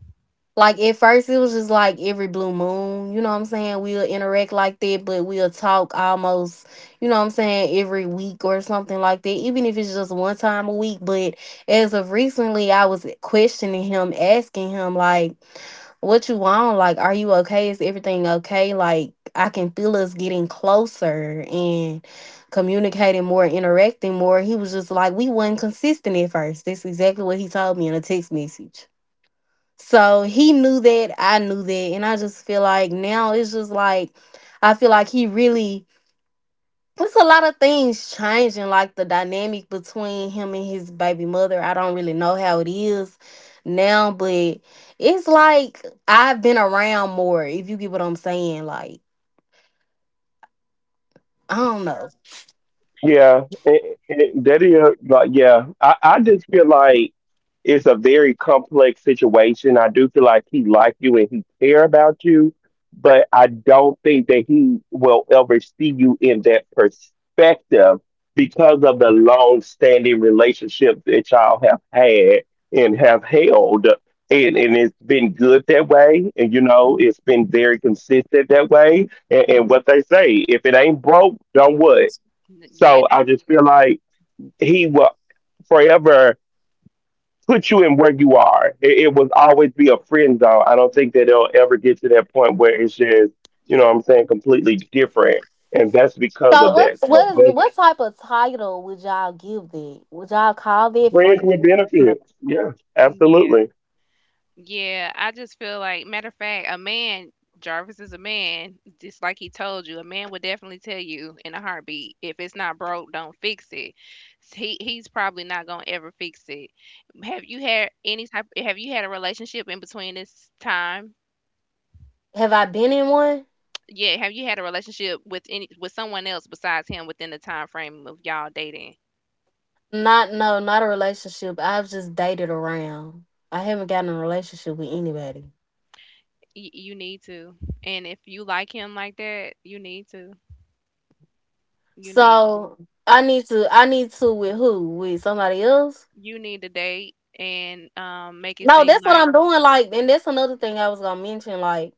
Like, at first it was just like every blue moon, you know what I'm saying? We'll interact like that, but we'll talk almost, you know what I'm saying, every week or something like that, even if it's just one time a week. But as of recently I was questioning him, asking him, like, what you want? Like, are you okay? Is everything okay? Like, I can feel us getting closer and communicating more, interacting more. He was just like, we wasn't consistent at first. That's exactly what he told me in a text message. So he knew that, I knew that, and I just feel like now it's just like I feel like he really, it's a lot of things changing, like the dynamic between him and his baby mother. I don't really know how it is now, but it's like I've been around more, if you get what I'm saying. Like, I don't know.
Yeah, that is like yeah. I just feel like it's a very complex situation. I do feel like he like you and he care about you, but I don't think that he will ever see you in that perspective because of the long standing relationship that y'all have had and have held. And it's been good that way, and you know it's been very consistent that way. And what they say, if it ain't broke, don't what?
n- yeah,
So I
that's,
just feel like he will forever put you in where you are. It will always be a friend zone. I don't think that it'll ever get to that point where it's just, you know what I'm saying, completely different. And that's because
So
of
what
that. So
what is,
that's
what type of title would y'all give that? Would y'all call that friend?
friends with benefits. Yeah,
yeah,
absolutely.
yeah. I just feel like, matter of fact, a man, Jarvis is a man, just like he told you. A man would definitely tell you in a heartbeat, if it's not broke, don't fix it. He he's probably not gonna ever fix it. Have you had any type? Have you had a relationship in between this time?
Have I been in one?
Yeah, have you had a relationship with any with someone else besides him within the time frame of y'all dating?
Not a relationship. I've just dated around. I haven't gotten in a relationship with anybody.
Y- you need to. And if you like him like that, you need to. You need to.
So I need to with who? With somebody else?
You need to date and make it
No,
seem
that's what
like
I'm doing. Like, and that's another thing I was gonna mention. Like,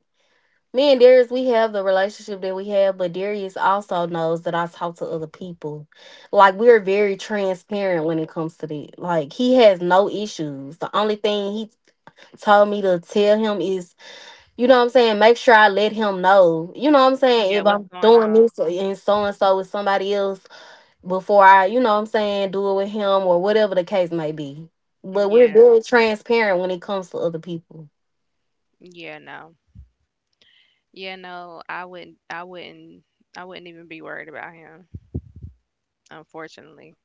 me and Darius, we have the relationship that we have, but Darius also knows that I talk to other people. Like, we're very transparent when it comes to that. Like, he has no issues. The only thing he told me to tell him is, you know what I'm saying, make sure I let him know. You know what I'm saying,
yeah,
if
what's
I'm
going
doing
on?
this and so with somebody else before I, you know what I'm saying, do it with him or whatever the case may be. But we're
Yeah.
very transparent when it comes to other people.
Yeah, no. Yeah, no. I wouldn't I wouldn't even be worried about him, unfortunately.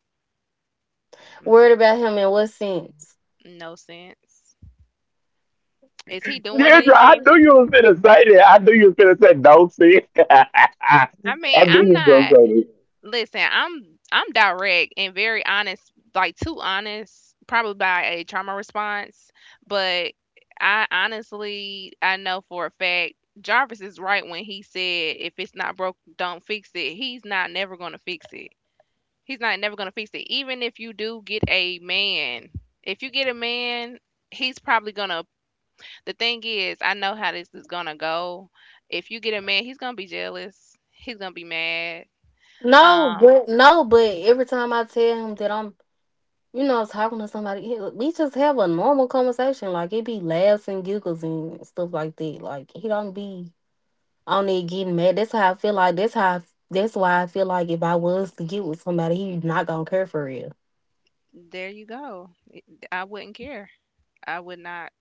Mm,
Worried about him in what sense?
no sense. Is he doing
Deirdre, I
anything?
knew you was gonna say that. I knew you was gonna say no see.
I mean,
I knew
I'm
you was gonna
not
say that.
listen, I'm direct and very honest, like too honest, probably by a trauma response. But I honestly I know for a fact Jarvis is right when he said if it's not broke, don't fix it. He's not never gonna fix it. He's not never gonna fix it. Even if you do get a man, if you get a man, he's probably gonna. The thing is, I know how this is gonna go. If you get a man, he's gonna be jealous. He's gonna be mad.
No,
Um,
but no, but every time I tell him that I'm, you know, talking to somebody, we just have a normal conversation. Like, it be laughs and giggles and stuff like that. Like, he don't be. I don't need getting mad. That's how I feel, like. That's how. That's why I feel like if I was to get with somebody, he not gonna care for real.
There you go. I wouldn't care. I would not.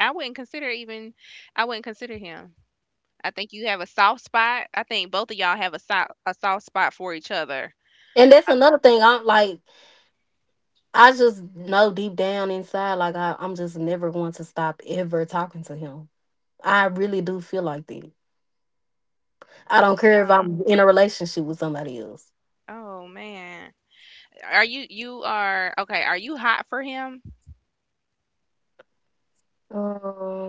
I wouldn't consider even. I wouldn't consider him. I think you have a soft spot. I think both of y'all have a soft spot for each other.
And that's
I
another thing. I'm like, I just know deep down inside, like, I, I'm just never going to stop ever talking to him. I really do feel like that. I don't care if
don't.
I'm in a relationship with somebody else.
Oh man. Are you you are okay? Are you hot for him?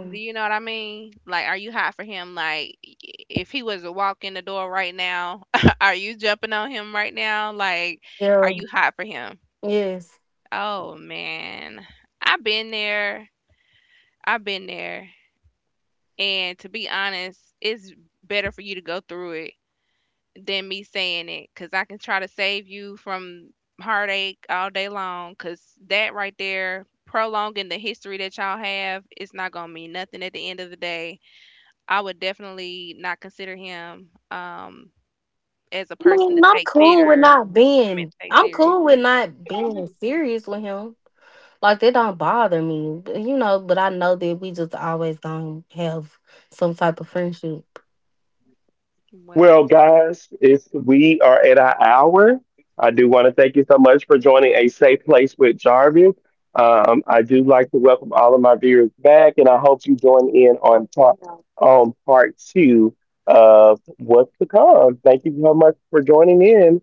Do you know what I mean? Like, are you hot for him? Like, I- if he was to walk in the door right now, are you jumping on him right now? Like, are
Yeah.
you hot for him?
Yes.
Oh man, I've been there. I've been there. And to be honest, it's better for you to go through it than me saying it because I can try to save you from heartache all day long because that right there, prolonging the history that y'all have, it's not going to mean nothing at the end of the day. I would definitely not consider him as a
I
person
mean,
to
I'm
take
cool with
theater.
not
I mean,
being.
take
I'm
serious.
cool with not being serious with him. Like, they don't bother me, you know. But I know that we just always gonna have some type of friendship.
Well,
Well,
guys, it's we are at our hour. I do want to thank you so much for joining a safe place with Jarvis. I do like to welcome all of my viewers back, and I hope you join in on part two of what's to come. Thank you so much for joining in.